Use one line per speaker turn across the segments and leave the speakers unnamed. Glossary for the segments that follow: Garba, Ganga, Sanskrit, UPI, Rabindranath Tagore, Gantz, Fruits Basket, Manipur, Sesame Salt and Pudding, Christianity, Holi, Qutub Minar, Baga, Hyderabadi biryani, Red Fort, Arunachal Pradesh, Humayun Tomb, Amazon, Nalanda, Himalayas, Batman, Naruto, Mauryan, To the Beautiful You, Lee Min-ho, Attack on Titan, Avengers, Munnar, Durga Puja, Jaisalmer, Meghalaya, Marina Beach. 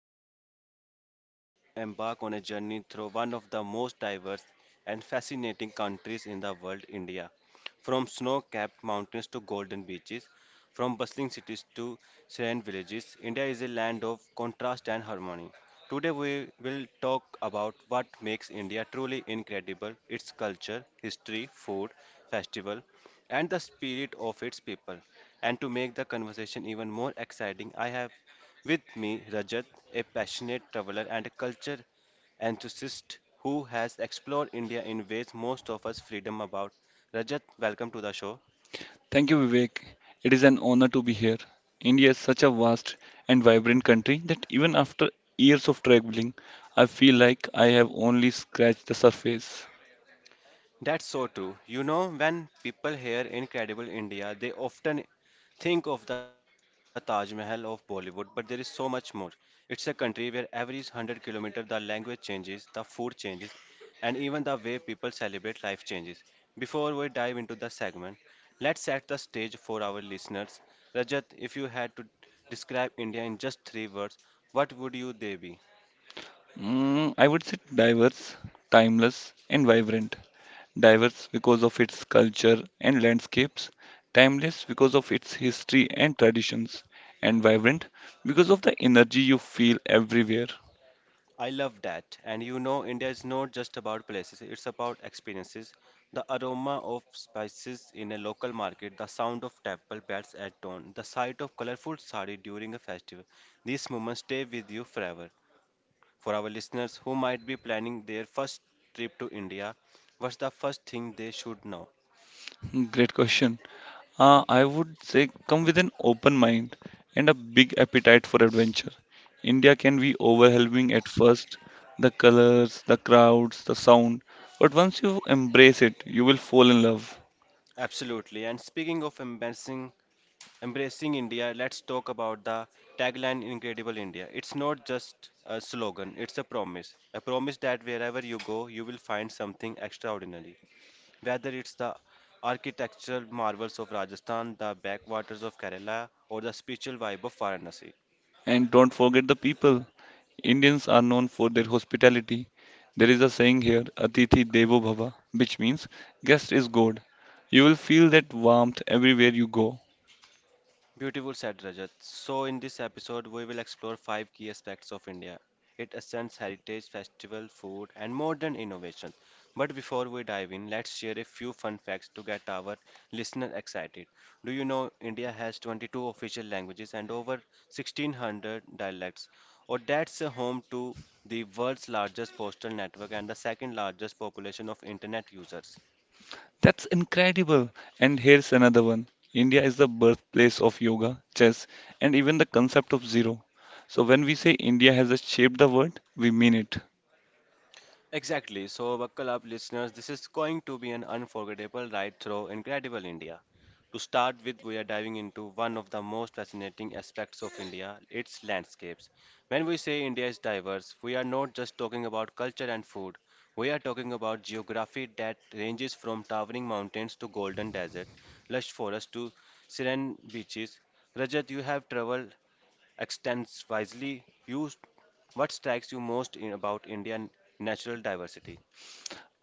special episode. We are about to embark on a journey through one of the most diverse and fascinating countries in the world, India. From snow capped mountains to golden beaches, from bustling cities to serene villages, India is a land of contrast and harmony. Today, we will talk about what makes India truly incredible its culture, history, food, festival, and the spirit of its people. And to make the conversation even more exciting, I have with me Rajat, a passionate traveler and a culture enthusiast who has explored India in ways most of us freedom about. Rajat, welcome to the show.
Thank you, Vivek. It is an honor to be here. India is such a vast and vibrant country that even after years of traveling, I feel like I have only scratched the surface.
That's so true. You know, when people hear Incredible India, they often think of the Taj Mahal of Bollywood, but there is so much more. It's a country where every 100 kilometers the language changes, the food changes, and even the way people celebrate life changes. Before we dive into the segment, let's set the stage for our listeners. Rajat, if you had to describe India in just three words, what would you they be?
I would say diverse, timeless, and vibrant. Diverse because of its culture and landscapes, timeless because of its history and traditions, and vibrant because of the energy you feel everywhere.
I love that. And you know, India is not just about places, it's about experiences. The aroma of spices in a local market, the sound of temple bells at dawn, the sight of colorful sari during a festival. These moments stay with you forever. For our listeners who might be planning their first trip to India, what's the first thing they should know?
Great question. I would say come with an open mind and a big appetite for adventure. India can be overwhelming at first, the colors, the crowds, the sound, but once you embrace it, you will fall in love.
Absolutely. And speaking of embarrassing Embracing India, let's talk about the tagline Incredible India. It's not just a slogan, it's a promise. A promise that wherever you go, you will find something extraordinary. Whether it's the architectural marvels of Rajasthan, the backwaters of Kerala, or the spiritual vibe of Varanasi.
And don't forget the people. Indians are known for their hospitality. There is a saying here, Atithi Devo Bhava, which means guest is God. You will feel that warmth everywhere you go.
Beautiful said Rajat. So, in this episode, we will explore five key aspects of India its essence, heritage, festival, food, and modern innovations. But before we dive in, let's share a few fun facts to get our listeners excited. Do you know India has 22 official languages and over 1600 dialects? Or that's a home to the world's largest postal network and the second largest population of internet users.
That's incredible. And here's another one. India is the birthplace of yoga, chess, and even the concept of zero. So when we say India has shaped the world, we mean it.
Exactly. So, buckle up, listeners. This is going to be an unforgettable ride through incredible India. To start with, we are diving into one of the most fascinating aspects of India, its landscapes. When we say India is diverse, we are not just talking about culture and food. We are talking about geography that ranges from towering mountains to golden desert, lush forests to serene beaches. Rajat, you have traveled extends wisely. You, what strikes you most about Indian natural diversity?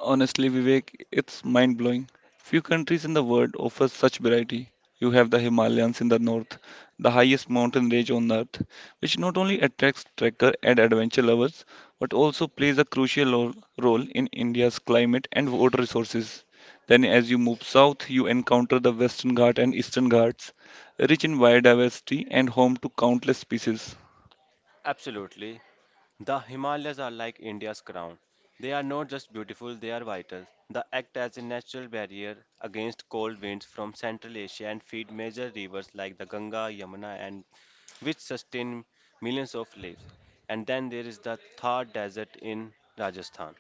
Honestly, Vivek, it's mind blowing. Few countries in the world offer such variety. You have the Himalayas in the north, the highest mountain range on earth, which not only attracts trekker and adventure lovers, but also plays a crucial role in India's climate and water resources. Then, as you move south, you encounter the Western Ghats and Eastern Ghats, rich in biodiversity and home to countless species.
Absolutely. The Himalayas are like India's crown. They are not just beautiful, they are vital. They act as a natural barrier against cold winds from Central Asia and feed major rivers like the Ganga, Yamuna, and which sustain millions of lives. And then there is the Thar Desert in Rajasthan,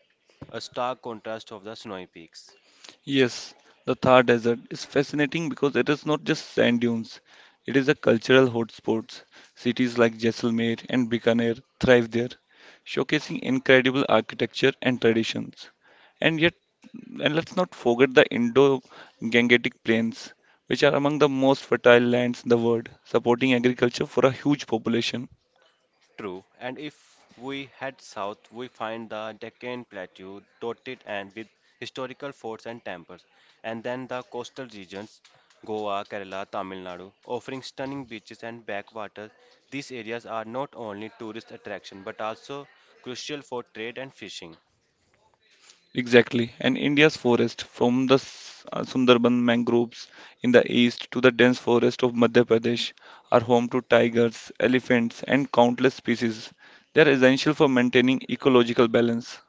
a stark contrast of the snowy peaks.
Yes, the Thar Desert is fascinating because it is not just sand dunes. It is a cultural hotspot. Cities like Jaisalmer and Bikaner thrive there, showcasing incredible architecture and traditions. And yet, and let's not forget the Indo-Gangetic plains, which are among the most fertile lands in the world, supporting agriculture for a huge population.
True, and if we head south, we find the Deccan Plateau dotted and with historical forts and temples, and then the coastal regions, Goa, Kerala, Tamil Nadu, offering stunning beaches and backwaters. These areas are not only tourist attraction but also crucial for trade and fishing.
Exactly. And India's forest, from the Sundarban mangroves in the east to the dense forest of Madhya Pradesh, are home to tigers, elephants, and countless species. They are essential for maintaining ecological balance.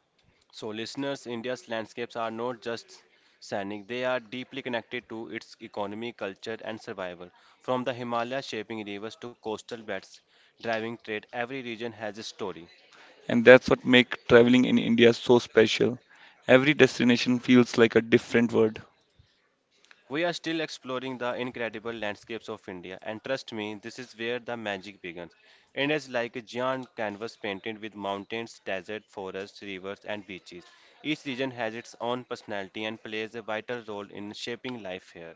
So, listeners, India's landscapes are not just scenic, they are deeply connected to its economy, culture, and survival. From the Himalayas shaping rivers to coastal beds driving trade, every region has a story.
And that's what makes traveling in India so special. Every destination feels like a different world.
We are still exploring the incredible landscapes of India, and trust me, this is where the magic begins. India is like a giant canvas painted with mountains, deserts, forests, rivers, and beaches. Each region has its own personality and plays a vital role in shaping life here.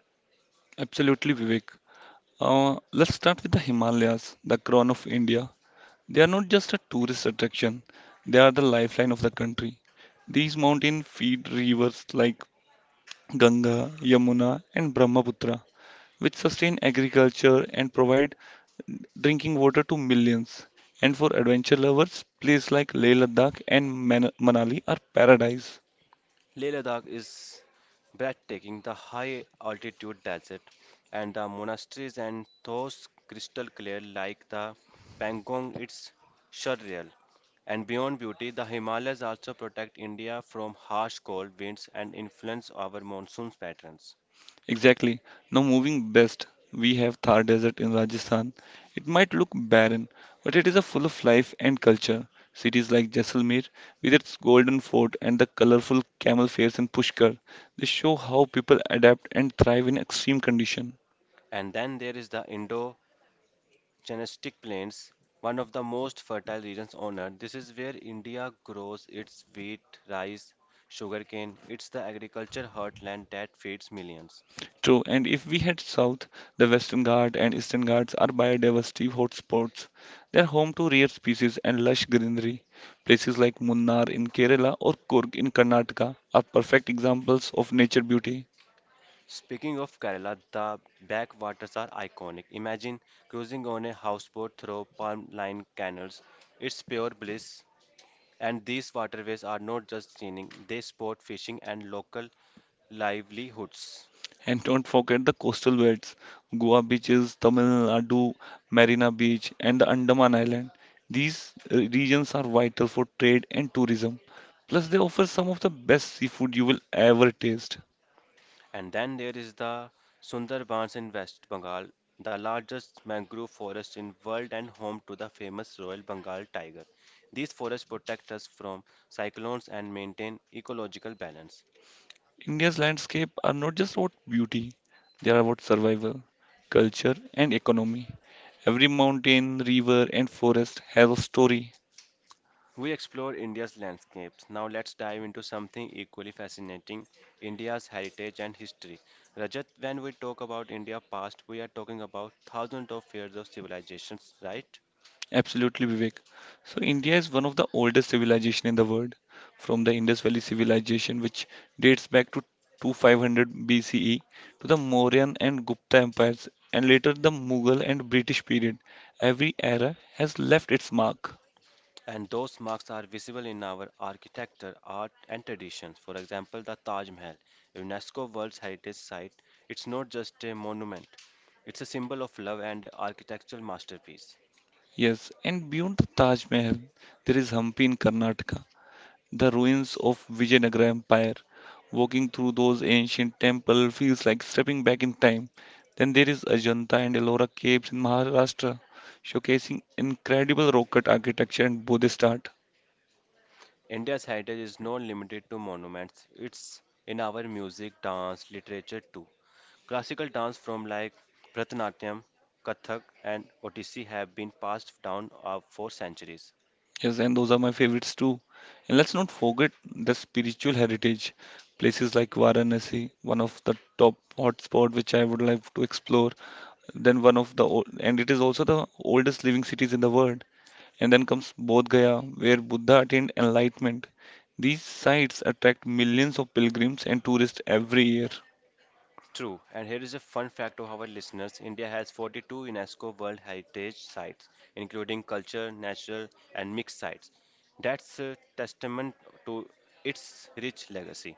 Absolutely, Vivek. Let's start with the Himalayas, the crown of India. They are not just a tourist attraction, they are the lifeline of the country. These mountains feed rivers like Ganga, Yamuna, and Brahmaputra, which sustain agriculture and provide drinking water to millions. And for adventure lovers, places like Leh Ladakh and Manali are paradise.
Leh Ladakh is breathtaking, the high altitude desert and the monasteries and those crystal clear like the Pangong, it's surreal. And beyond beauty, the Himalayas also protect India from harsh cold winds and influence our monsoon patterns.
Exactly. Now moving west, we have Thar Desert in Rajasthan. It might look barren, but it is a full of life and culture. Cities like Jaisalmer, with its golden fort and the colorful camel fairs in Pushkar, they show how people adapt and thrive in extreme conditions.
And then there is the Indo Genetic plains, one of the most fertile regions on earth. This is where India grows its wheat, rice, sugarcane. It's the agriculture heartland that feeds millions.
True, and if we head south, the Western Ghats and Eastern Ghats are biodiversity hotspots. They are home to rare species and lush greenery. Places like Munnar in Kerala or Kurg in Karnataka are perfect examples of nature beauty.
Speaking of Kerala, the backwaters are iconic. Imagine cruising on a houseboat through palm-lined canals. It's pure bliss. And these waterways are not just scenic, they sport fishing and local livelihoods.
And don't forget the coastal beds, Goa beaches, Tamil Nadu, Marina Beach, and the Andaman Island. These regions are vital for trade and tourism. Plus, they offer some of the best seafood you will ever taste.
And then there is the Sundarbans in West Bengal, the largest mangrove forest in world and home to the famous Royal Bengal tiger. These forests protect us from cyclones and maintain ecological balance.
India's landscape are not just about beauty, they are about survival, culture, and economy. Every mountain, river, and forest has a story.
We explore India's landscapes. Now let's dive into something equally fascinating, India's heritage and history. Rajat, when we talk about India past, we are talking about thousands of years of civilizations, right?
Absolutely, Vivek. So, India is one of the oldest civilization in the world, from the Indus Valley civilization, which dates back to 2500 BCE, to the Mauryan and Gupta empires, and later the Mughal and British period. Every era has left its mark.
And those marks are visible in our architecture, art, and traditions. For example, the Taj Mahal, a UNESCO World Heritage Site, it's not just a monument, it's a symbol of love and an architectural masterpiece.
Yes, and beyond the Taj Mahal, there is Hampi in Karnataka, the ruins of Vijayanagara Empire. Walking through those ancient temples feels like stepping back in time. Then there is Ajanta and Ellora caves in Maharashtra, showcasing incredible rock cut architecture and Buddhist art.
India's heritage is not limited to monuments, it's in our music, dance, literature too. Classical dance from like Bharatanatyam, Kathak, and Odissi have been passed down for centuries.
Yes, and those are my favorites too. And let's not forget the spiritual heritage. Places like Varanasi, one of the top hotspot which I would like to explore. Then one of the old, and it is also the oldest living cities in the world. And then comes Bodh Gaya, where Buddha attained enlightenment. These sites attract millions of pilgrims and tourists every year.
True, and here is a fun fact to our listeners India has 42 UNESCO World Heritage Sites, including culture, natural, and mixed sites. That's a testament to its rich legacy.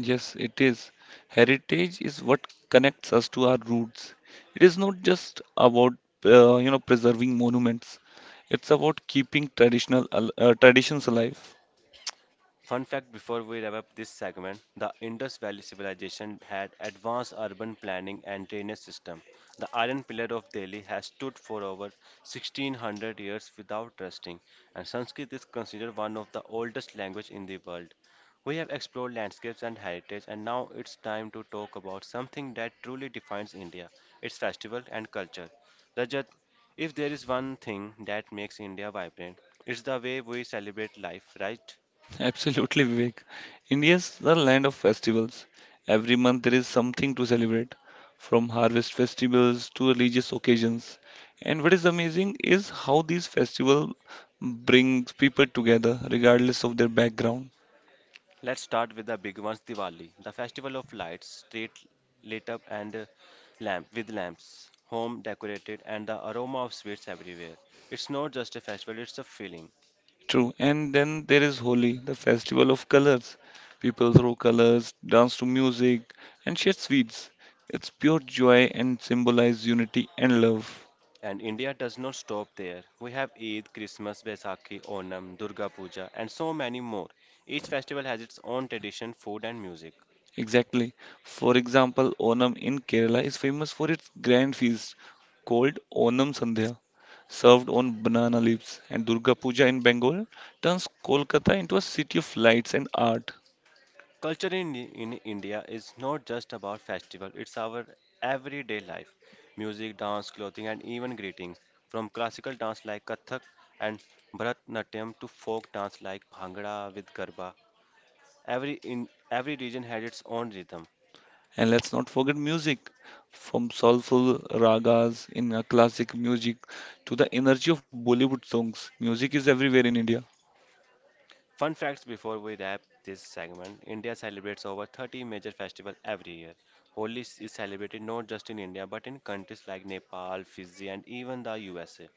Yes, it is. Heritage is what connects us to our roots. It is not just about preserving monuments. It's about keeping traditions alive.
Fun fact before we wrap up this segment, the Indus Valley civilization had advanced urban planning and drainage system. The iron pillar of Delhi has stood for over 1600 years without rusting, and Sanskrit is considered one of the oldest language in the world. We have explored landscapes and heritage, and now it's time to talk about something that truly defines India, its festival and culture. Rajat, if there is one thing that makes India vibrant, it's the way we celebrate life, right?
Absolutely, Vivek. India is the land of festivals. Every month there is something to celebrate, from harvest festivals to religious occasions. And what is amazing is how these festivals brings people together regardless of their background.
Let's start with the big ones Diwali, the festival of lights, street lit up and lamp with lamps, home decorated and the aroma of sweets everywhere. It's not just a festival, it's a feeling.
True. And then there is Holi, the festival of colors. People throw colors, dance to music, and share sweets. It's pure joy and symbolize unity and love.
And India does not stop there. We have Eid, Christmas, Baisakhi, Onam, Durga Puja and so many more. Each festival has its own tradition, food and music.
Exactly. For example, Onam in Kerala is famous for its grand feast called Onam Sandhya, served on banana leaves, and Durga Puja in Bengal turns Kolkata into a city of lights and art.
Culture in India is not just about festival, it's our everyday life. Music, dance, clothing, and even greetings. From classical dance like Kathak and Bharatnatyam to folk dance like Bhangra with Garba, in every region had its own rhythm.
And let's not forget music, from soulful ragas in a classic music to the energy of Bollywood songs. Music is everywhere in India.
Fun facts before we wrap this segment India celebrates over 30 major festivals every year. Holi is celebrated not just in India but in countries like Nepal, Fiji, and even the USA.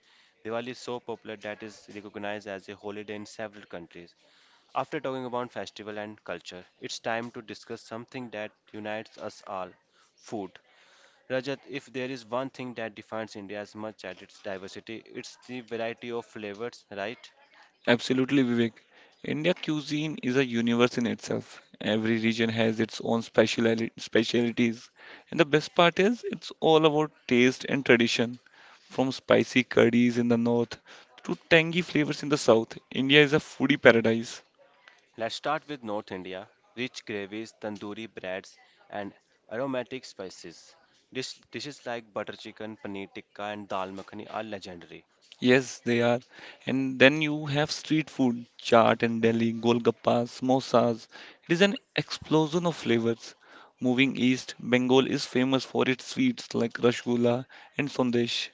Diwali is so popular that is recognized as a holiday in several countries. After talking about festival and culture, it's time to discuss something that unites us all food. Rajat, if there is one thing that defines India as much as its diversity, it's the variety of flavors, right?
Absolutely, Vivek. India cuisine is a universe in itself. Every region has its own specialities. And the best part is, it's all about taste and tradition. From spicy curries in the north to tangy flavors in the south, India is a foodie paradise.
Let's start with North India rich gravies, tandoori breads, and aromatic spices. Dishes like butter chicken, paneer tikka, and dal makhani are legendary.
Yes, they are. And then you have street food, chaat in Delhi, golgappas, samosas. It is an explosion of flavors. Moving east, Bengal is famous for its sweets like rasgulla and sandesh.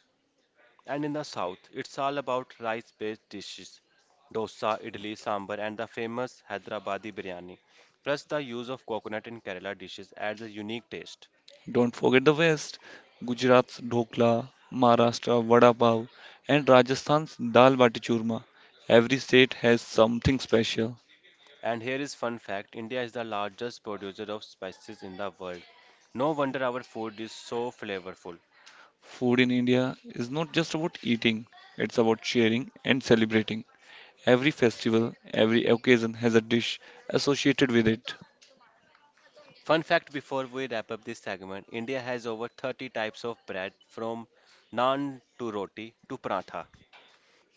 And in the south, it's all about rice based dishes dosa, idli, sambar, and the famous Hyderabadi biryani. Plus, the use of coconut in Kerala dishes adds a unique taste.
Don't forget the west, Gujarat's dhokla, Maharashtra vada pav, and Rajasthan's dal bati churma. Every state has something special.
And here is fun fact India is the largest producer of spices in the world. No wonder our food is so flavorful.
Food in India is not just about eating, it's about sharing and celebrating. Every festival, every occasion has a dish associated with it.
Fun fact before we wrap up this segment India has over 30 types of bread from naan to roti to paratha.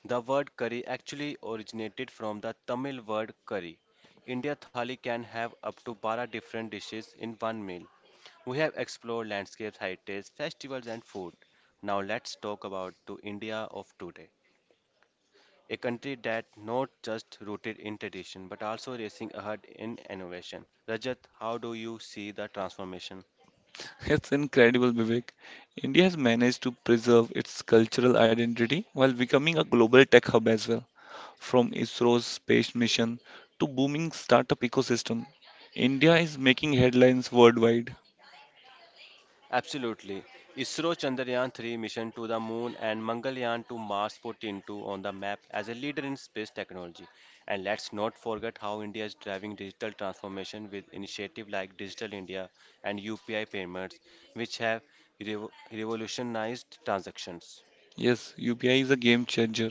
The word curry actually originated from the Tamil word curry. India thali can have up to 12 different dishes in one meal. We have explored landscapes, heritage, festivals, and food. Now let's talk about to India of today, a country that not just rooted in tradition but also racing ahead in innovation. Rajat, how do you see the transformation?
It's incredible, Vivek. India has managed to preserve its cultural identity while becoming a global tech hub as well. From ISRO's space mission to booming startup ecosystem, India is making headlines worldwide.
Absolutely. ISRO Chandrayaan 3 mission to the moon and Mangalyaan to Mars put into on the map as a leader in space technology. And let's not forget how India is driving digital transformation with initiatives like Digital India and UPI payments, which have revolutionized transactions.
Yes, UPI is a game changer.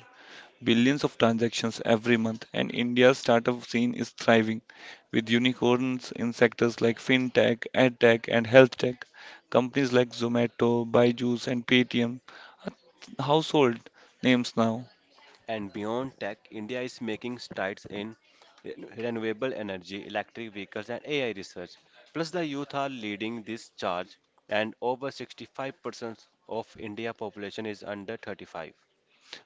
Billions of transactions every month, and India's startup scene is thriving with unicorns in sectors like fintech, edtech, and health tech. Companies like Zomato, Byju's, and Paytm are household names now.
And beyond tech, India is making strides in renewable energy, electric vehicles, and AI research. Plus, the youth are leading this charge, and over 65% of India population is under 35.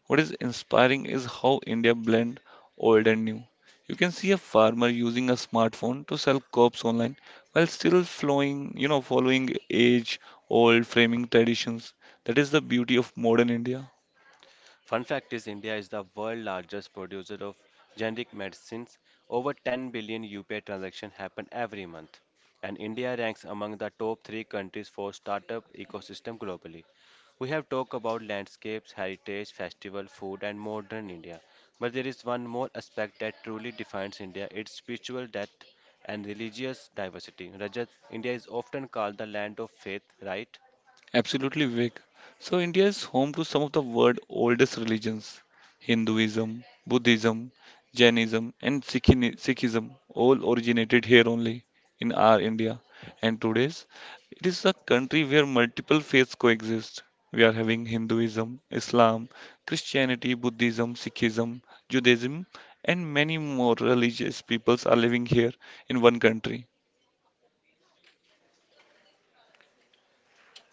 What is inspiring is how India blend old and new. You can see a farmer using a smartphone to sell crops online while still flowing, following age old framing traditions. That is the beauty of modern India.
Fun fact is India is the world's largest producer of generic medicines. Over 10 billion UPI transactions happen every month. And India ranks among the top 3 countries for startup ecosystem globally. We have talked about landscapes, heritage, festival, food and modern India. But there is one more aspect that truly defines India, its spiritual depth and religious diversity. Rajat, India is often called the land of faith, right?
Absolutely, Vivek. So, India is home to some of the world's oldest religions Hinduism, Buddhism, Jainism, and Sikhism all originated here only in our India. And today's, it is a country where multiple faiths coexist. We are having Hinduism, Islam, Christianity, Buddhism, Sikhism, Judaism, and many more religious peoples are living here in one country.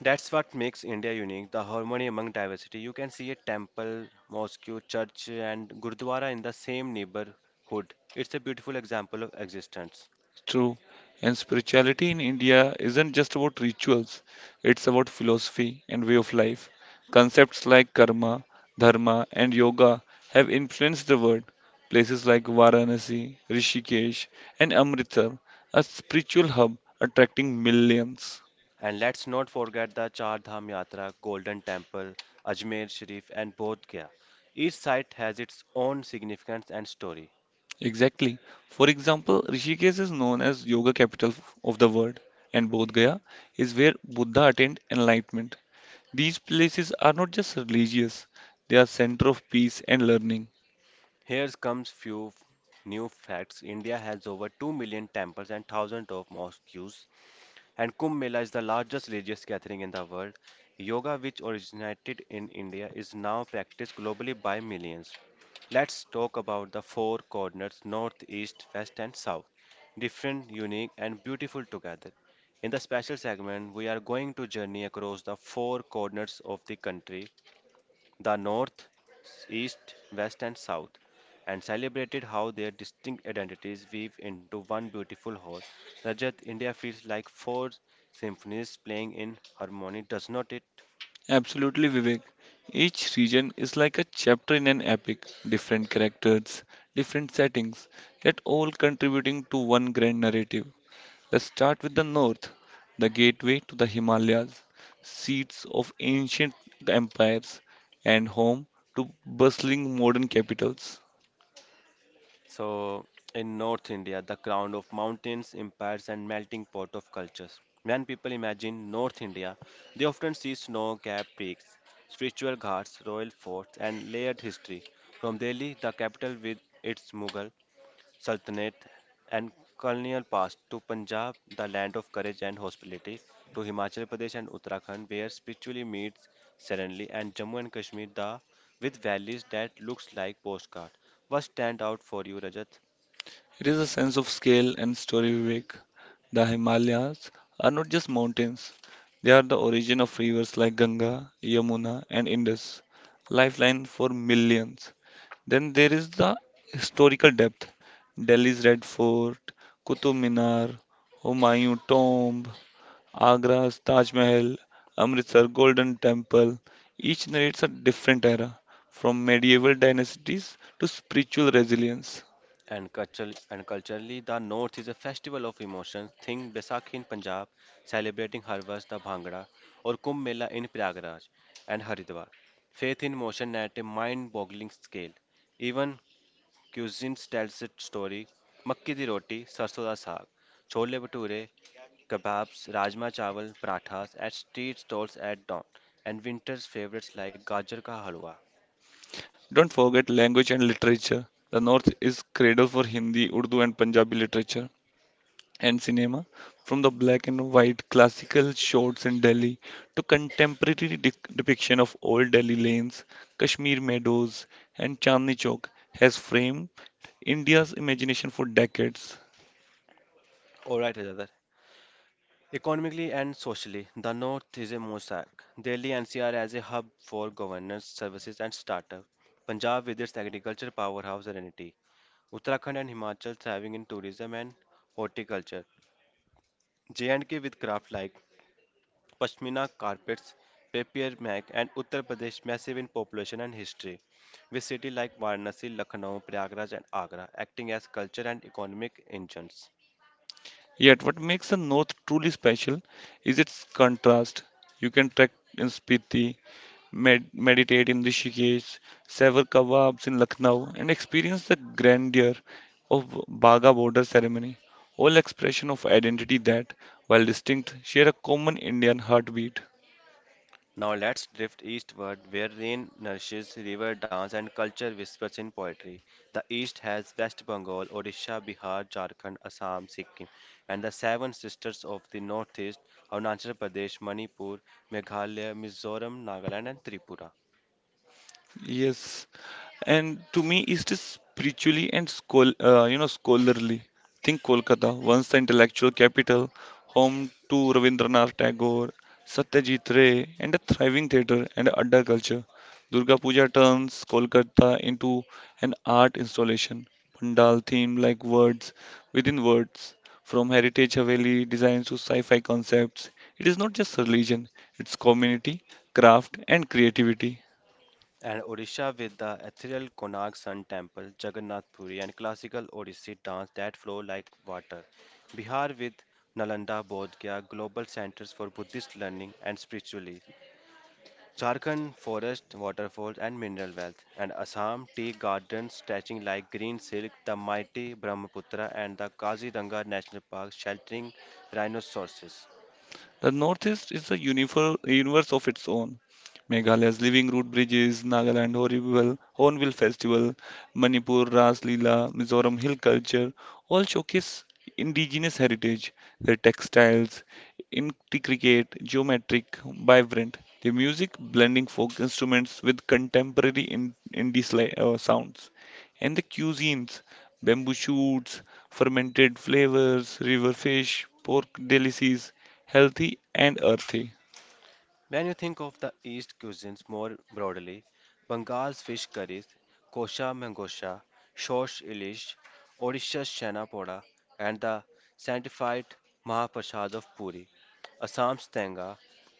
That's what makes India unique, the harmony among diversity. You can see a temple, mosque, church, and gurdwara in the same neighborhood. It's a beautiful example of existence.
True. And spirituality in India isn't just about rituals, it's about philosophy and way of life. Concepts like karma, dharma, and yoga have influenced the world. Places like Varanasi, Rishikesh, and Amritsar are spiritual hub attracting millions.
And let's not forget the Char Dham Yatra, Golden Temple, Ajmer Sharif, and Bodh Gaya. Each site has its own significance and story.
Exactly. For example, Rishikesh is known as yoga capital of the world, and Bodh Gaya is where Buddha attained enlightenment. These places are not just religious, they are center of peace and learning.
Here comes few new facts. India has over 2 million temples and thousands of mosques. And Kumbh Mela is the largest religious gathering in the world. Yoga, which originated in India, is now practiced globally by millions. Let's talk about the four corners: north, east, west, and south. Different, unique, and beautiful together. In the special segment, we are going to journey across the four corners of the country: the north, east, west, and south, and celebrated how their distinct identities weave into one beautiful whole. Rajat, India feels like four symphonies playing in harmony, does not it?
Absolutely, Vivek. Each region is like a chapter in an epic, different characters, different settings, yet all contributing to one grand narrative. Let's start with the north, the gateway to the Himalayas, seats of ancient empires, and home to bustling modern capitals.
So, in North India, the crown of mountains, empires, and melting pot of cultures. When people imagine North India, they often see snow capped peaks, spiritual ghats, royal forts, and layered history. From Delhi, the capital with its Mughal Sultanate, and colonial past to Punjab, the land of courage and hospitality, to Himachal Pradesh and Uttarakhand, where spiritually meets serenely, and Jammu and Kashmir, the with valleys that looks like postcard. What stand out for you, Rajat?
It is a sense of scale and story, Vivek. The Himalayas are not just mountains, they are the origin of rivers like Ganga, Yamuna, and Indus, lifeline for millions. Then there is the historical depth Delhi's Red Fort, Qutub Minar, Humayun Tomb, Agra's Taj Mahal, Amritsar Golden Temple. Each narrates a different era, from medieval dynasties to spiritual resilience.
And culturally, the North is a festival of emotions. Think Baisakhi in Punjab, celebrating harvest, the Bhangra, or Kumbh Mela in Prayagraj and Haridwar. Faith in motion at a mind-boggling scale. Even cuisines tells its story. मक्की दी रोटी, सरसों दा साग, chole bhature, kebabs, rajma chawal, parathas at street stalls at dawn, and winter's favorites like gajar ka halwa.
Don't forget language and literature. The North is cradle for Hindi, Urdu, and Punjabi literature and cinema, from the black and white classical shots in Delhi to contemporary depiction of old Delhi lanes, Kashmir meadows, and Chandni Chowk has framed India's imagination for decades.
All right, Rajadar. Economically and socially, the North is a mosaic. Delhi NCR as a hub for governance, services, and startup. Punjab with its agriculture powerhouse identity. Uttarakhand and Himachal thriving in tourism and horticulture. J&K with craft like Pashmina carpets, papier mâché, and Uttar Pradesh massive in population and history, with cities like Varanasi, Lucknow, Prayagraj, and Agra acting as culture and economic engines.
Yet, what makes the North truly special is its contrast. You can trek in Spiti, meditate in Rishikesh, sever kebabs in Lucknow, and experience the grandeur of Baga border ceremony, all expression of identity that, while distinct, share a common Indian heartbeat.
Now let's drift eastward where rain nourishes, river dance, and culture whispers in poetry. The east has West Bengal, Odisha, Bihar, Jharkhand, Assam, Sikkim, and the seven sisters of the northeast: Arunachal Pradesh, Manipur, Meghalaya, Mizoram, Nagaland, and Tripura.
Yes, and to me, it is spiritually and scholarly. Think Kolkata, once the intellectual capital, home to Rabindranath Tagore, Satyajit Ray, and a thriving theatre and adda culture. Durga Puja turns Kolkata into an art installation, pandal theme like words within words, from heritage Haveli designs to sci-fi concepts. It is not just religion; it's community, craft, and creativity.
And Odisha with the ethereal Konark Sun Temple, Jagannath Puri, and classical Odissi dance that flow like water. Bihar with Nalanda Bodh Gaya, global centers for Buddhist learning and spirituality. Jharkhand forest, waterfalls, and mineral wealth, and Assam tea gardens stretching like green silk, the mighty Brahmaputra, and the Kaziranga National Park sheltering rhinoceroses.
The Northeast is a universe of its own. Meghalaya's Living Root Bridges, Nagaland Horrible, Hornbill Festival, Manipur Ras Leela, Mizoram Hill Culture all showcase indigenous heritage. Their textiles, intricate, geometric, vibrant. Their music blending folk instruments with contemporary indie sounds. And the cuisines, bamboo shoots, fermented flavors, river fish, pork delicacies, healthy and earthy.
When you think of the East cuisines more broadly, Bengal's fish curries, kosha mangosha, shosh ilish, Odisha's chana poda, and the sanctified Mahaprasad of Puri, Assam's tanga,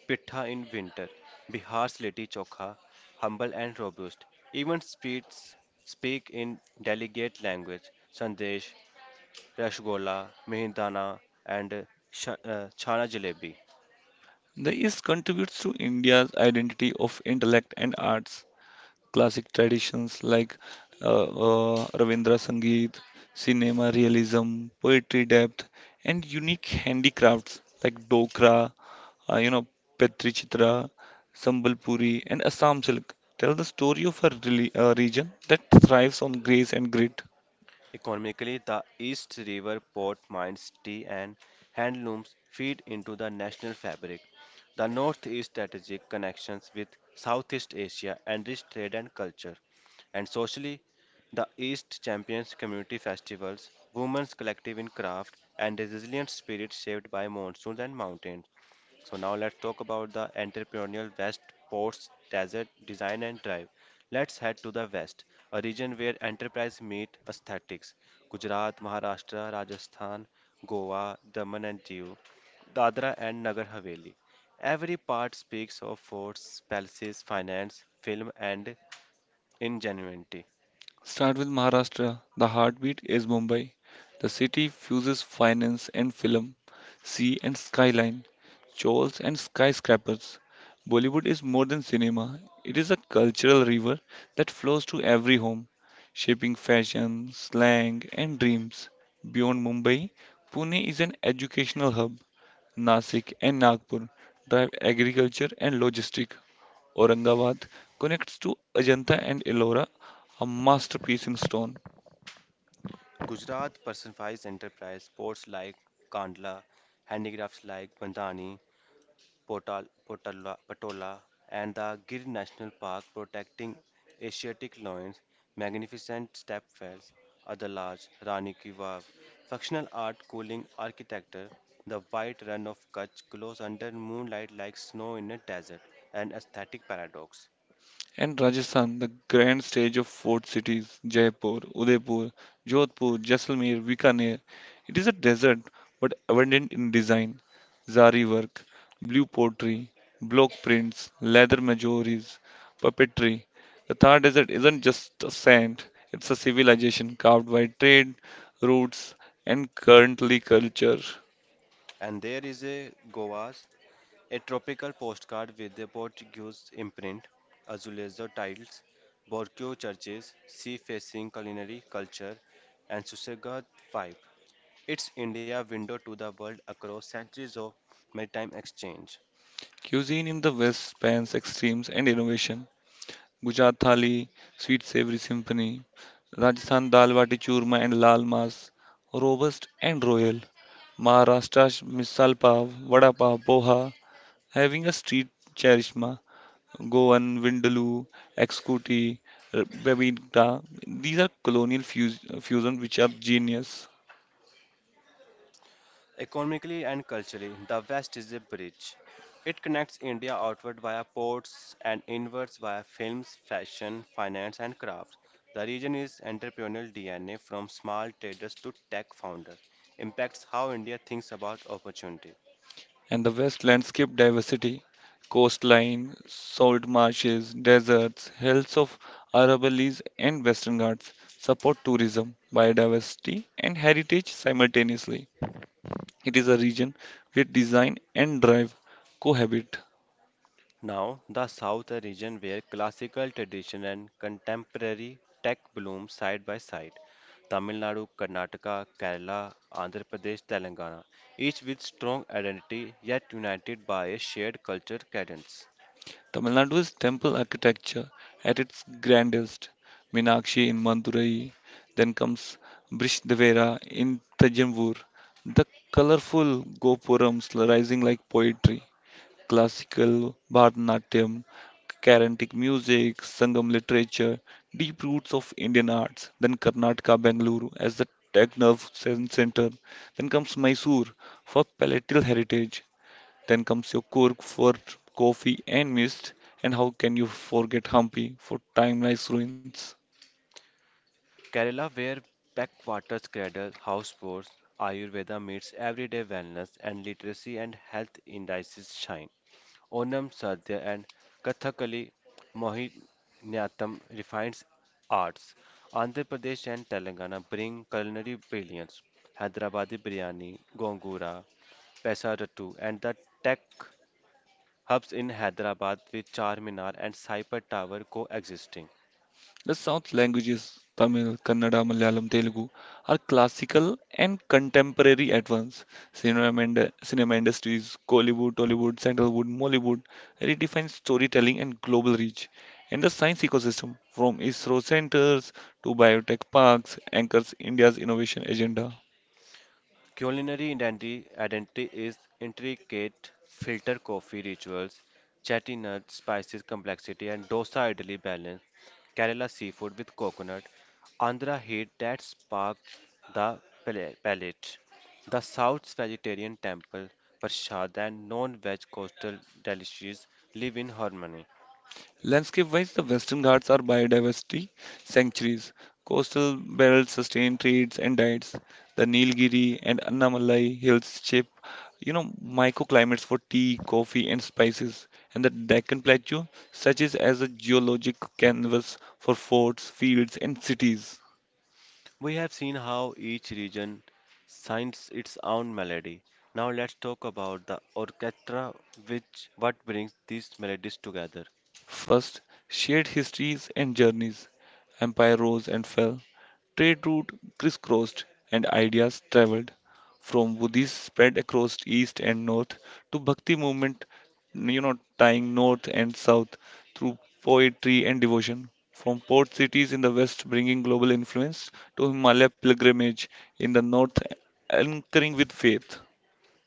pitha in winter, Bihar's litti chokha, humble and robust, even speak in delegate language, sandesh, rashgola, mihindana, and chana jalebi.
The East contributes to India's identity of intellect and arts. Classic traditions like Ravindra Sangeet, cinema realism, poetry depth, and unique handicrafts like Dokra, uh, you know, Petri Chitra, Sambalpuri, and Assam silk tell the story of a region that thrives on grace and grit.
Economically, the East River port mines, tea, and handlooms feed into the national fabric. The Northeast strategic connections with Southeast Asia enrich trade and culture. And socially, the East champions community festivals, women's collective in craft, and resilient spirit shaped by monsoons and mountains. So now let's talk about the entrepreneurial West Coast Desert Design and Drive. Let's head to the West, a region where enterprise meet aesthetics. Gujarat, Maharashtra, Rajasthan, Goa, Daman and Diu, Dadra and Nagar Haveli. Every part speaks of forts, palaces, finance, film and ingenuity.
Start with Maharashtra. The heartbeat is Mumbai. The city fuses finance and film, sea and skyline, chores and skyscrapers. Bollywood is more than cinema, it is a cultural river that flows to every home, shaping fashion, slang, and dreams. Beyond Mumbai, Pune is an educational hub. Nasik and Nagpur drive agriculture and logistics, Aurangabad connects to Ajanta and Ellora, a masterpiece in stone,
Gujarat personifies enterprise, ports like Kandla, handicrafts like Bandhani, Potal, Potala, Patola, and the Gir National Park protecting Asiatic lions, magnificent stepwells, other large, Rani Ki Vav, functional art cooling architecture, the white run of Kutch glows under moonlight like snow in a desert, an aesthetic paradox.
and Rajasthan, the grand stage of fort cities Jaipur, Udaipur, Jodhpur, Jaisalmer, Bikaner. It is a desert but abundant in design, zari work, blue pottery, block prints, leather majoris, puppetry. The Thar Desert isn't just a sand, it's a civilization carved by trade routes and currently culture.
And there is a Goa's a tropical postcard with a Portuguese imprint, azulejo tiles, Borgio churches, sea-facing culinary culture, and Susegad vibe. It's India window to the world across centuries of maritime exchange.
Cuisine in the West spans extremes and innovation. Gujarat Thali, Sweet Savory Symphony, Rajasthan Dal Bati Churma and Lal Mas, Robust and Royal, Maharashtra Misal Pav, Vada Pav, Poha, having a street charishma, Goan, Vindaloo, Exkuti, Babinka. These are colonial fusions which are genius.
Economically and culturally, the West is a bridge. It connects India outward via ports and inwards via films, fashion, finance, and crafts. The region is entrepreneurial DNA from small traders to tech founders. Impacts how India thinks about opportunity.
And the West landscape diversity, coastline, salt marshes, deserts, hills of Aravallis and Western Ghats support tourism, biodiversity and heritage simultaneously. It is a region where design and drive cohabit.
Now, the South, a region where classical tradition and contemporary tech bloom side by side. Tamil Nadu, Karnataka, Kerala, Andhra Pradesh, Telangana, each with strong identity yet united by a shared culture cadence.
Tamil Nadu's temple architecture at its grandest, Minakshi in Madurai, then comes Brishdevara in Thanjavur, the colorful gopurams rising like poetry, classical, Bharatanatyam, Carnatic music, Sangam literature, deep roots of Indian arts, then Karnataka, Bangalore as the tech nerve center, then comes Mysore for palatal heritage, then comes your Cork for coffee and mist, and how can you forget Hampi for timeless ruins?
Kerala, where backwaters cradle houseboats, Ayurveda meets everyday wellness and literacy and health indices shine. Onam Sadhya and Kathakali Mohiniyattam refines arts. Andhra Pradesh and Telangana bring culinary brilliance. Hyderabadi biryani, gongura, pesarattu, and the tech hubs in Hyderabad with Charminar and Cyper Tower coexisting.
The South languages, Tamil, Kannada, Malayalam, Telugu, are classical and contemporary at once. Cinema industries, Kollywood, Tollywood, Sandalwood, Mollywood redefine storytelling and global reach. And the science ecosystem, from ISRO centers to biotech parks, anchors India's innovation agenda.
Culinary identity is intricate filter coffee rituals, chatty nuts, spices complexity, and dosa idli balance, Kerala seafood with coconut, Andhra heat that spark the palate, the South's vegetarian temple, prasad, and non-veg coastal delicacies live in harmony.
Landscape wise, the Western Ghats are biodiversity sanctuaries. Coastal belts sustain trades and diets. The Nilgiri and Annamalai hills shape microclimates for tea, coffee, and spices. And the Deccan Plateau serves as a geologic canvas for forts, fields, and cities.
We have seen how each region signs its own melody. Now let's talk about the orchestra, which what brings these melodies together.
First, shared histories and journeys. Empire rose and fell, trade routes crisscrossed and ideas traveled. From Buddhism spread across east and north to Bhakti movement, tying north and south through poetry and devotion. From port cities in the west bringing global influence to Himalaya pilgrimage in the north anchoring with faith.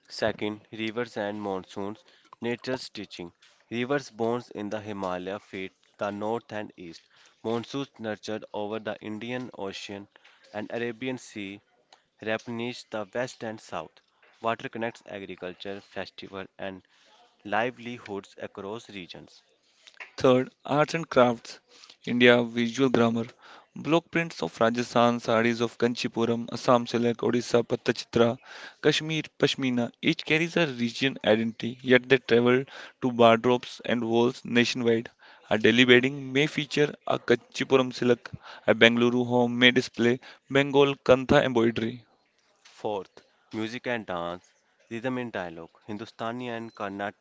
Second, rivers and monsoons, nature's teaching. Rivers born in the Himalaya feed the north and east. Monsoons nurtured over the Indian Ocean and Arabian Sea replenish the west and south. Water connects agriculture, festival, and livelihoods across regions.
Third, arts and crafts. India visual grammar. Block prints of Rajasthan, sarees of Kanchipuram, Assam silk, Odisha Pattachitra, Kashmir Pashmina. Each carries a region identity, yet they travel to wardrobes and walls nationwide. A Delhi wedding may feature a Kanchipuram silk, a Bengaluru home may display Bengal kantha embroidery.
Fourth, music and dance, rhythm and dialogue. Hindustani and Carnatic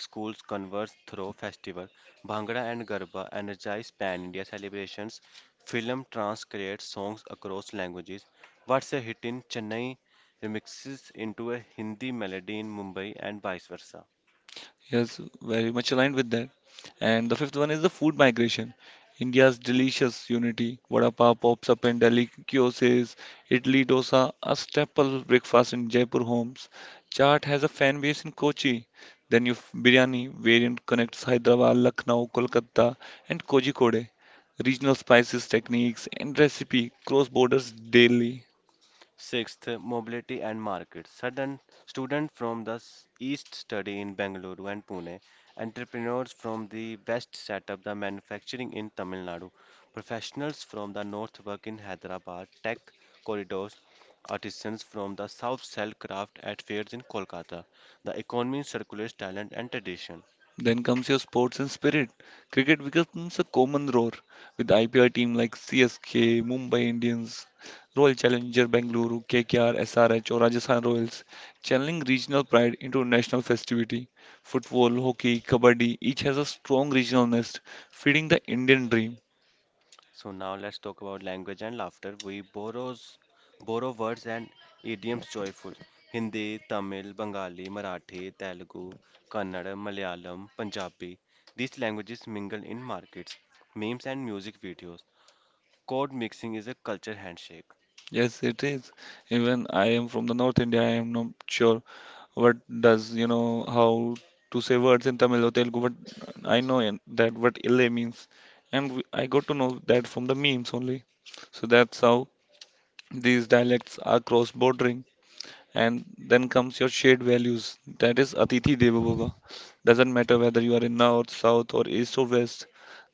schools converse through festival. Bhangra and Garba energize pan-India celebrations. Film trance creates songs across languages. What's a hit in Chennai remixes into a Hindi melody in Mumbai and vice versa.
Yes, very much aligned with that. And the fifth one is the food migration. India's delicious unity. Vada pav pops up in Delhi kiosks. Idli dosa, a staple breakfast in Jaipur homes. Chaat has a fan base in Kochi. Then you biryani variant connects Hyderabad, Lucknow, Kolkata, and Kozhikode. Regional spices, techniques, and recipe cross borders daily.
Sixth, mobility and markets. Sudden students from the east study in Bengaluru and Pune. Entrepreneurs from the west set up the manufacturing in Tamil Nadu. Professionals from the north work in Hyderabad, tech corridors. Artisans from the south sell craft at fairs in Kolkata. The economy circulates talent and tradition.
Then comes your sports and spirit. Cricket becomes a common roar with IPL team like CSK, Mumbai Indians, Royal Challenger Bangalore, KKR, SRH or Rajasthan Royals, channeling regional pride into national festivity. Football, hockey, kabaddi each has a strong regional nest, feeding the Indian dream.
So now let's talk about language and laughter. We borrow words and idioms joyful. Hindi, Tamil, Bengali, Marathi, Telugu, Kannada, Malayalam, Punjabi. These languages mingle in markets, memes and music videos. Code mixing is a culture handshake.
Yes, it is. Even I am from the North India. I am not sure what does you know how to say words in Tamil or Telugu, but I know that what "ile" means, and I got to know that from the memes only. So that's how these dialects are cross-bordering and then comes your shared values that is Atithi Deva Bhava. Doesn't matter whether you are in north, south, or east or west,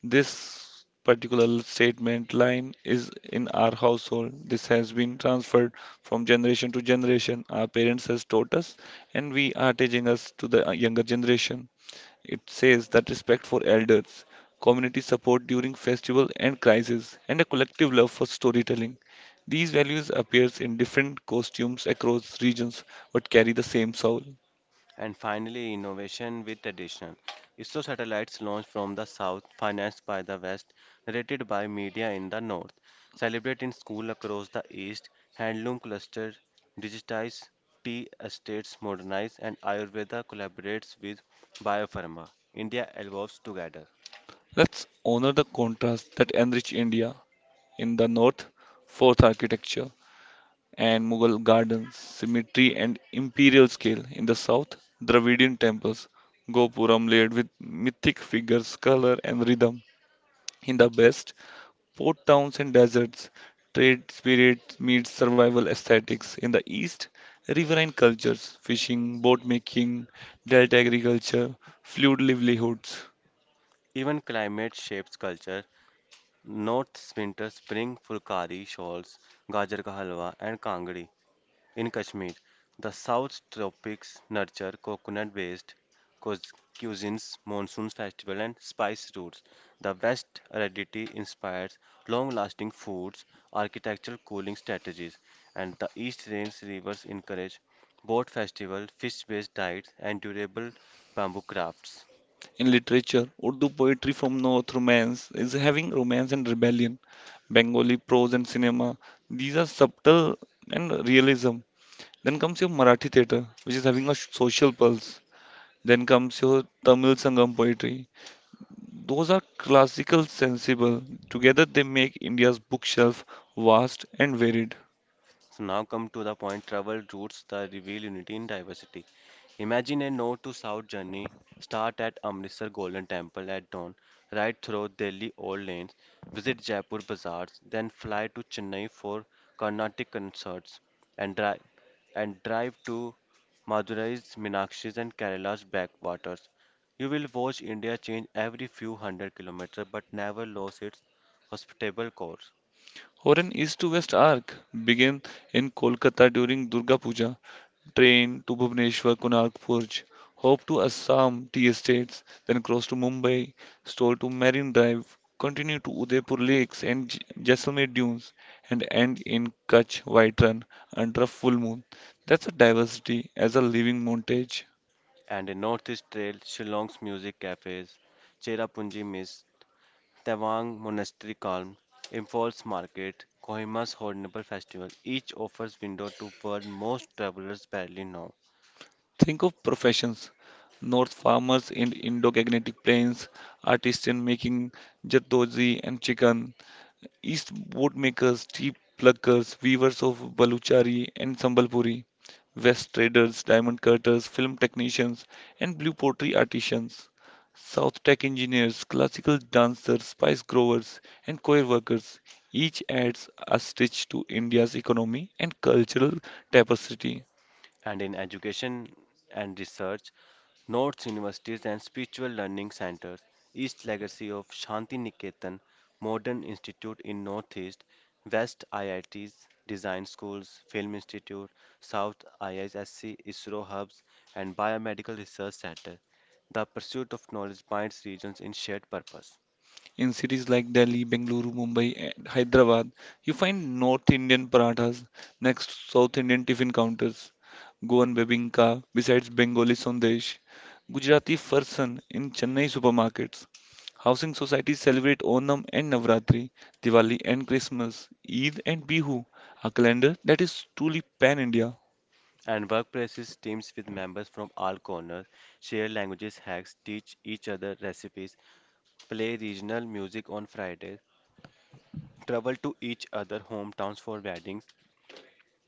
this particular statement line is in our household. This has been transferred from generation to generation. Our parents has taught us, and we are teaching us to the younger generation. It says that respect for elders, community support during festival and crisis, and a collective love for storytelling. These values appears in different costumes across regions but carry the same soul.
And finally, innovation with tradition. ISRO satellites launched from the south, financed by the west, narrated by media in the north, celebrate in school across the east, handloom cluster, digitize tea estates, modernize, and Ayurveda collaborates with biopharma. India evolves together.
Let's honor the contrast that enrich India. In the north, fourth architecture and Mughal gardens, symmetry and imperial scale. In the south, Dravidian temples, Gopuram layered with mythic figures, color and rhythm. In the west, port towns and deserts, trade spirit meets survival aesthetics. In the east, riverine cultures, fishing, boat making, delta agriculture, fluid livelihoods.
Even climate shapes culture. North's winter spring fulkari shawls, gajar ka halwa, and kangdi. In Kashmir, the South Tropics nurture coconut based cuisines, monsoon festival, and spice routes. The West aridity inspires long lasting foods, architectural cooling strategies, and the East rain's rivers encourage boat festival, fish based diets, and durable bamboo crafts.
In literature, Urdu poetry from North Romance is having romance and rebellion. Bengali prose and cinema, these are subtle and realism. Then comes your Marathi theatre, which is having a social pulse. Then comes your Tamil Sangam poetry, those are classical sensible. Together they make India's bookshelf vast and varied.
So now come to the point travel routes that reveal unity in diversity. Imagine a north to south journey. Start at Amritsar Golden Temple at dawn, ride through Delhi old lanes, visit Jaipur bazaars, then fly to Chennai for Carnatic concerts, and drive and drive to Madurai's Meenakshi's and Kerala's backwaters. You will watch India change every few hundred kilometers, but never lose its hospitable core.
Or an east to west arc begin in Kolkata during Durga Puja, train to Bhubaneswar, Konark Forge, hop to Assam tea estates, then cross to Mumbai, stroll to Marine Drive, continue to Udaipur Lakes and Jaisalmer Dunes, and end in Kutch White Run under a full moon. That's a diversity as a living montage.
And in Northeast Trail, Shillong's music cafes, Cherrapunji Mist, Tawang Monastery Calm, Imphal's Market, Kohima's Hornbill Festival each offers window to world most travelers barely know.
Think of professions. North farmers in Indo-Gangetic plains, artists in making jardozi and chicken, East boatmakers, tea pluckers, weavers of Baluchari and Sambalpuri, West traders, diamond cutters, film technicians, and blue pottery artisans, South tech engineers, classical dancers, spice growers, and coir workers. Each adds a stitch to India's economy and cultural tapestry.
And in education and research, North Universities and Spiritual Learning Centers, East Legacy of Shanti Niketan, Modern Institute in Northeast, West IITs, Design Schools, Film Institute, South IISC, ISRO Hubs, and Biomedical Research Center. The pursuit of knowledge binds regions in shared purpose.
In cities like Delhi, Bengaluru, Mumbai, and Hyderabad, you find North Indian parathas next to South Indian tiffin counters, Goan bebinka besides Bengali sandesh, Gujarati farsan in Chennai supermarkets. Housing societies celebrate Onam and Navratri, Diwali and Christmas, Eid and Bihu, a calendar that is truly pan India.
And workplaces, teams with members from all corners share languages, hacks, teach each other recipes, play regional music on Fridays, travel to each other hometowns for weddings.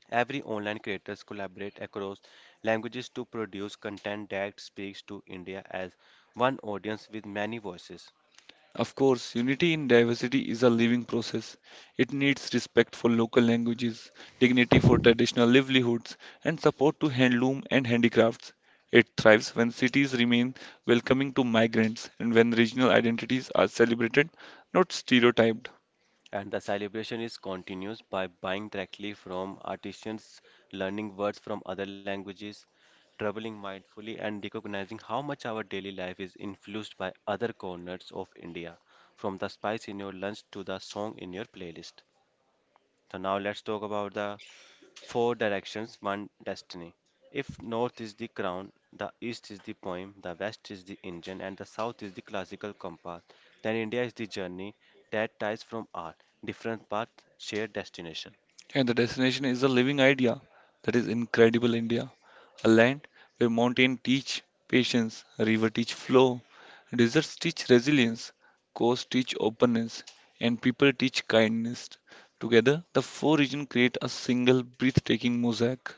Every online creators collaborate across languages to produce content that speaks to India as one audience with many voices.
Of course, unity in diversity is a living process. It needs respect for local languages, dignity for traditional livelihoods, and support to handloom and handicrafts. It thrives when cities remain welcoming to migrants and when regional identities are celebrated, not stereotyped.
And the celebration is continuous by buying directly from artisans, learning words from other languages, traveling mindfully, and recognizing how much our daily life is influenced by other corners of India, from the spice in your lunch to the song in your playlist. So now let's talk about the four directions, one destiny. If north is the crown, the east is the poem, the west is the engine, and the south is the classical compass, then India is the journey that ties from art, different paths, shared destination.
And the destination is a living idea that is incredible India. A land where mountains teach patience, river teach flow, deserts teach resilience, coasts teach openness, and people teach kindness. Together, the four regions create a single breathtaking mosaic.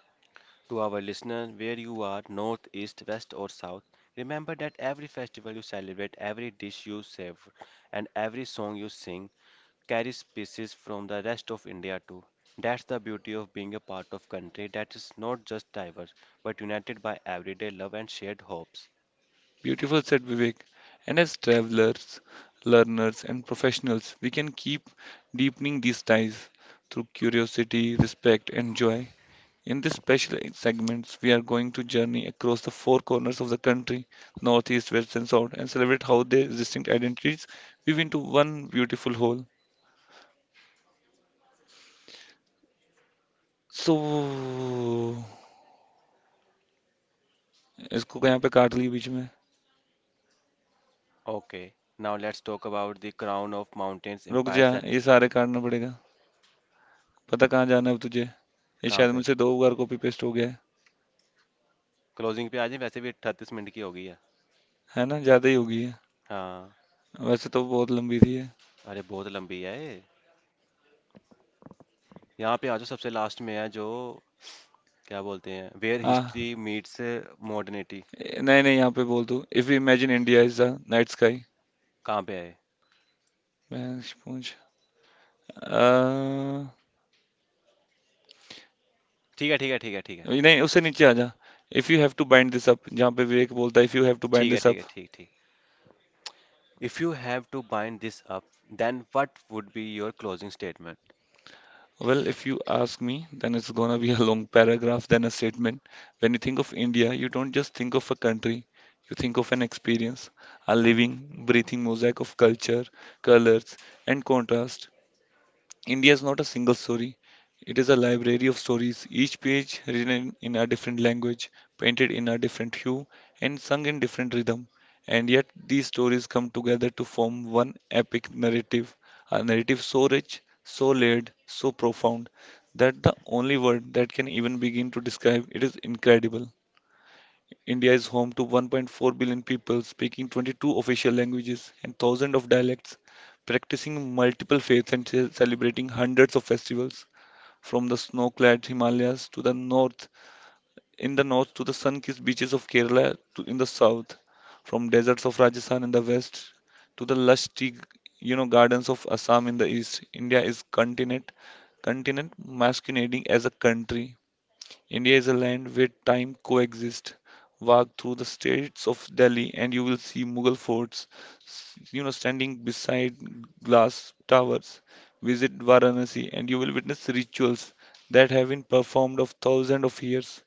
To our listeners, where you are, north, east, west, or south, remember that every festival you celebrate, every dish you savor, and every song you sing carries species from the rest of India too. That's the beauty of being a part of country that is not just diverse but united by everyday love and shared hopes.
Beautiful, said Vivek. And as travelers, learners, and professionals, we can keep deepening these ties through curiosity, respect, and joy. In this special segments, we are going to journey across the four corners of the country, northeast, west, and south, and celebrate how their distinct identities weave into one beautiful whole. सो इसको यहाँ पे काट ली बीच में।
Okay, now let's talk about the crown of mountains,
रुक जा,
empires and
ये सारे काटना पड़ेगा। पता कहाँ जाना है अब तुझे? ये
कहाँ
शायद
पे
मुझसे दो बार कॉपी पेस्ट हो गया है।
क्लोजिंग पे आ जाए वैसे भी 38 मिनट की हो गई है।
है ना, ज़्यादा ही होगी।
हाँ।
है, वैसे तो बहुत लंबी थी। है,
अरे बहुत लंबी है ये। यहाँ पे आ जाओ सबसे लास्ट में है जो क्या बोलते हैं वेयर हिस्ट्री
हाँ।
Meets modernity.
नहीं नहीं, यहाँ पे बोल दो, if you imagine India is the night sky.
कहाँ पे है?
मैं पूछ।
ठीक है, ठीक है, ठीक है, ठीक है,
No, you have to bind this up. If you have to bind
ठीक है,
this
ठीक
up,
है, ठीक ठीक। If you have to bind this up, then what would be your closing statement?
well, if you ask me, then it's going to be a long paragraph, then a statement. When you think of India, you don't just think of a country; you think of an experience—a living, breathing mosaic of culture, colours, and contrast. India is not a single story. It is a library of stories, each page written in a different language, painted in a different hue, and sung in different rhythm. And yet, these stories come together to form one epic narrative, a narrative so rich, so layered, so profound, that the only word that can even begin to describe it is incredible. India is home to 1.4 billion people speaking 22 official languages and thousands of dialects, practicing multiple faiths and celebrating hundreds of festivals, from the snow-clad Himalayas to the north, in the north to the sun-kissed beaches of Kerala to in the south, from deserts of Rajasthan in the west to the lush tea, gardens of Assam in the east. India is continent masquerading as a country. India is a land where time coexists. Walk through the streets of Delhi and you will see Mughal forts, standing beside glass towers. Visit Varanasi and you will witness rituals that have been performed of thousands of years.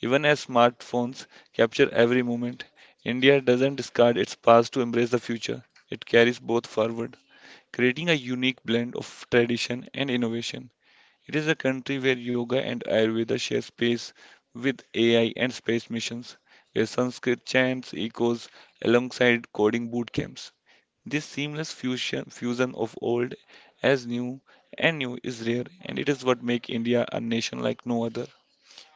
Even as smartphones capture every moment, India doesn't discard its past to embrace the future. It carries both forward, creating a unique blend of tradition and innovation. It is a country where yoga and Ayurveda share space with AI and space missions, where Sanskrit chants echoes alongside coding boot camps. This seamless fusion of old as new and new is rare, and it is what makes India a nation like no other.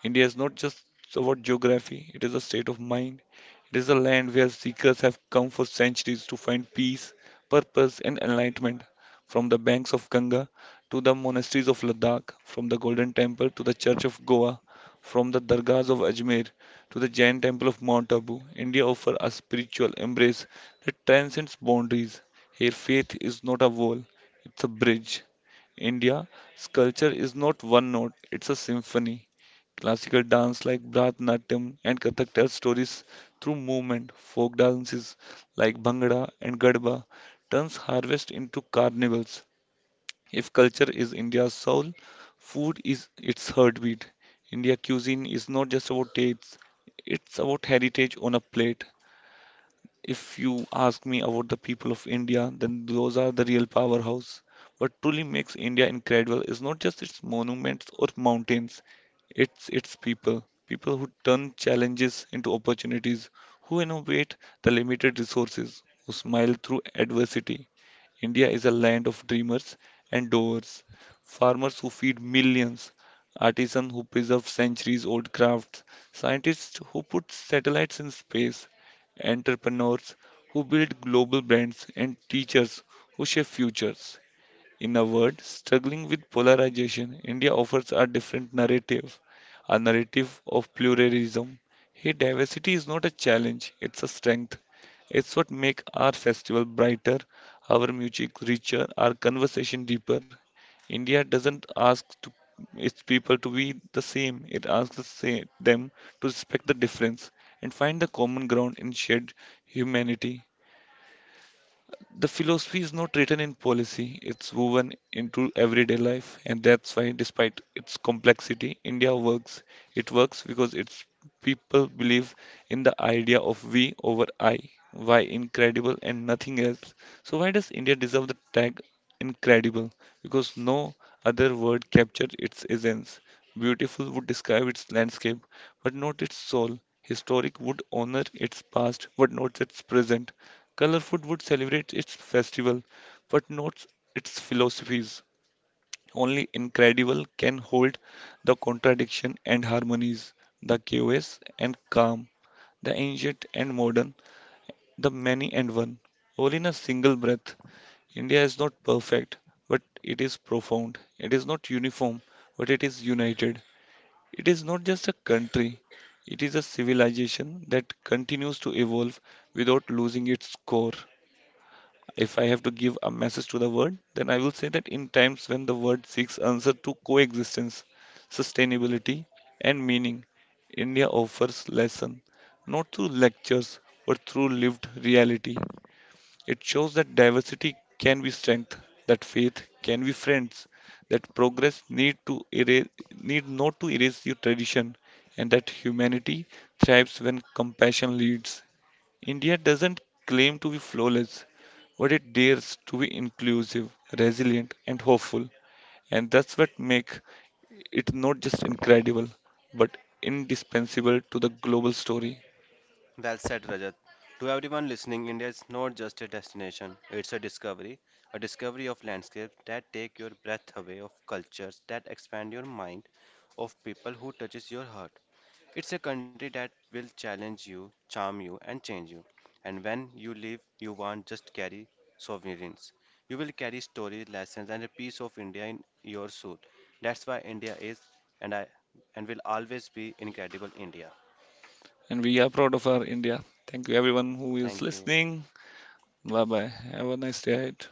India is not just about geography, it is a state of mind. It is a land where seekers have come for centuries to find peace, purpose, and enlightenment. From the banks of Ganga to the monasteries of Ladakh, from the Golden Temple to the Church of Goa, from the Dargahs of Ajmer to the Jain Temple of Mount Abu, India offers a spiritual embrace that transcends boundaries. Here, faith is not a wall, it's a bridge. India's culture is not one note, it's a symphony. Classical dance like Bharatanatyam and Kathak tells stories through movement. Folk dances like Bhangra and Gadba turns harvest into carnivals. If culture is India's soul, food is its heartbeat. India cuisine is not just about tastes, it's about heritage on a plate. If you ask me about the people of India, then those are the real powerhouse. What truly makes India incredible is not just its monuments or mountains, it's its people. People who turn challenges into opportunities, who innovate the limited resources, who smile through adversity. India is a land of dreamers and doers, farmers who feed millions, artisans who preserve centuries old crafts, scientists who put satellites in space, entrepreneurs who build global brands, and teachers who shape futures. In a word, struggling with polarization, India offers a different narrative, a narrative of pluralism. Here, diversity is not a challenge, it's a strength. It's what makes our festival brighter, our music richer, our conversation deeper. India doesn't ask to, its people to be the same, it asks them to respect the difference and find the common ground in shared humanity. The philosophy is not written in policy, it's woven into everyday life, and that's why, despite its complexity, India works. It works because its people believe in the idea of we over I. Why incredible and nothing else? So, why does India deserve the tag incredible? Because no other word captured its essence. Beautiful would describe its landscape, but not its soul. Historic would honor its past, but not its present. Colorfoot would celebrate its festival, but not its philosophies. Only incredible can hold the contradiction and harmonies, the chaos and calm, the ancient and modern, the many and one. All in a single breath. India is not perfect, but it is profound. It is not uniform, but it is united. It is not just a country, it is a civilization that continues to evolve without losing its core. If I have to give a message to the world, then I will say that in times when the world seeks answer to coexistence, sustainability, and meaning, India offers lesson not through lectures but through lived reality. It shows that diversity can be strength, that faith can be friends, that progress need to erase, need not to erase your tradition, and that humanity thrives when compassion leads. India doesn't claim to be flawless, but it dares to be inclusive, resilient, and hopeful. And that's what makes it not just incredible, but indispensable to the global story.
Well said, Rajat. To everyone listening, India is not just a destination, it's a discovery of landscapes that take your breath away, of cultures that expand your mind, of people who touches your heart. It's a country that will challenge you, charm you, and change you. And when you leave, you won't just carry souvenirs. You will carry stories, lessons, and a piece of India in your soul. That's why India is and I and will always be incredible India.
And we are proud of our India. Thank you, everyone who is
Thank you.
listening. Bye bye. Have a nice day ahead.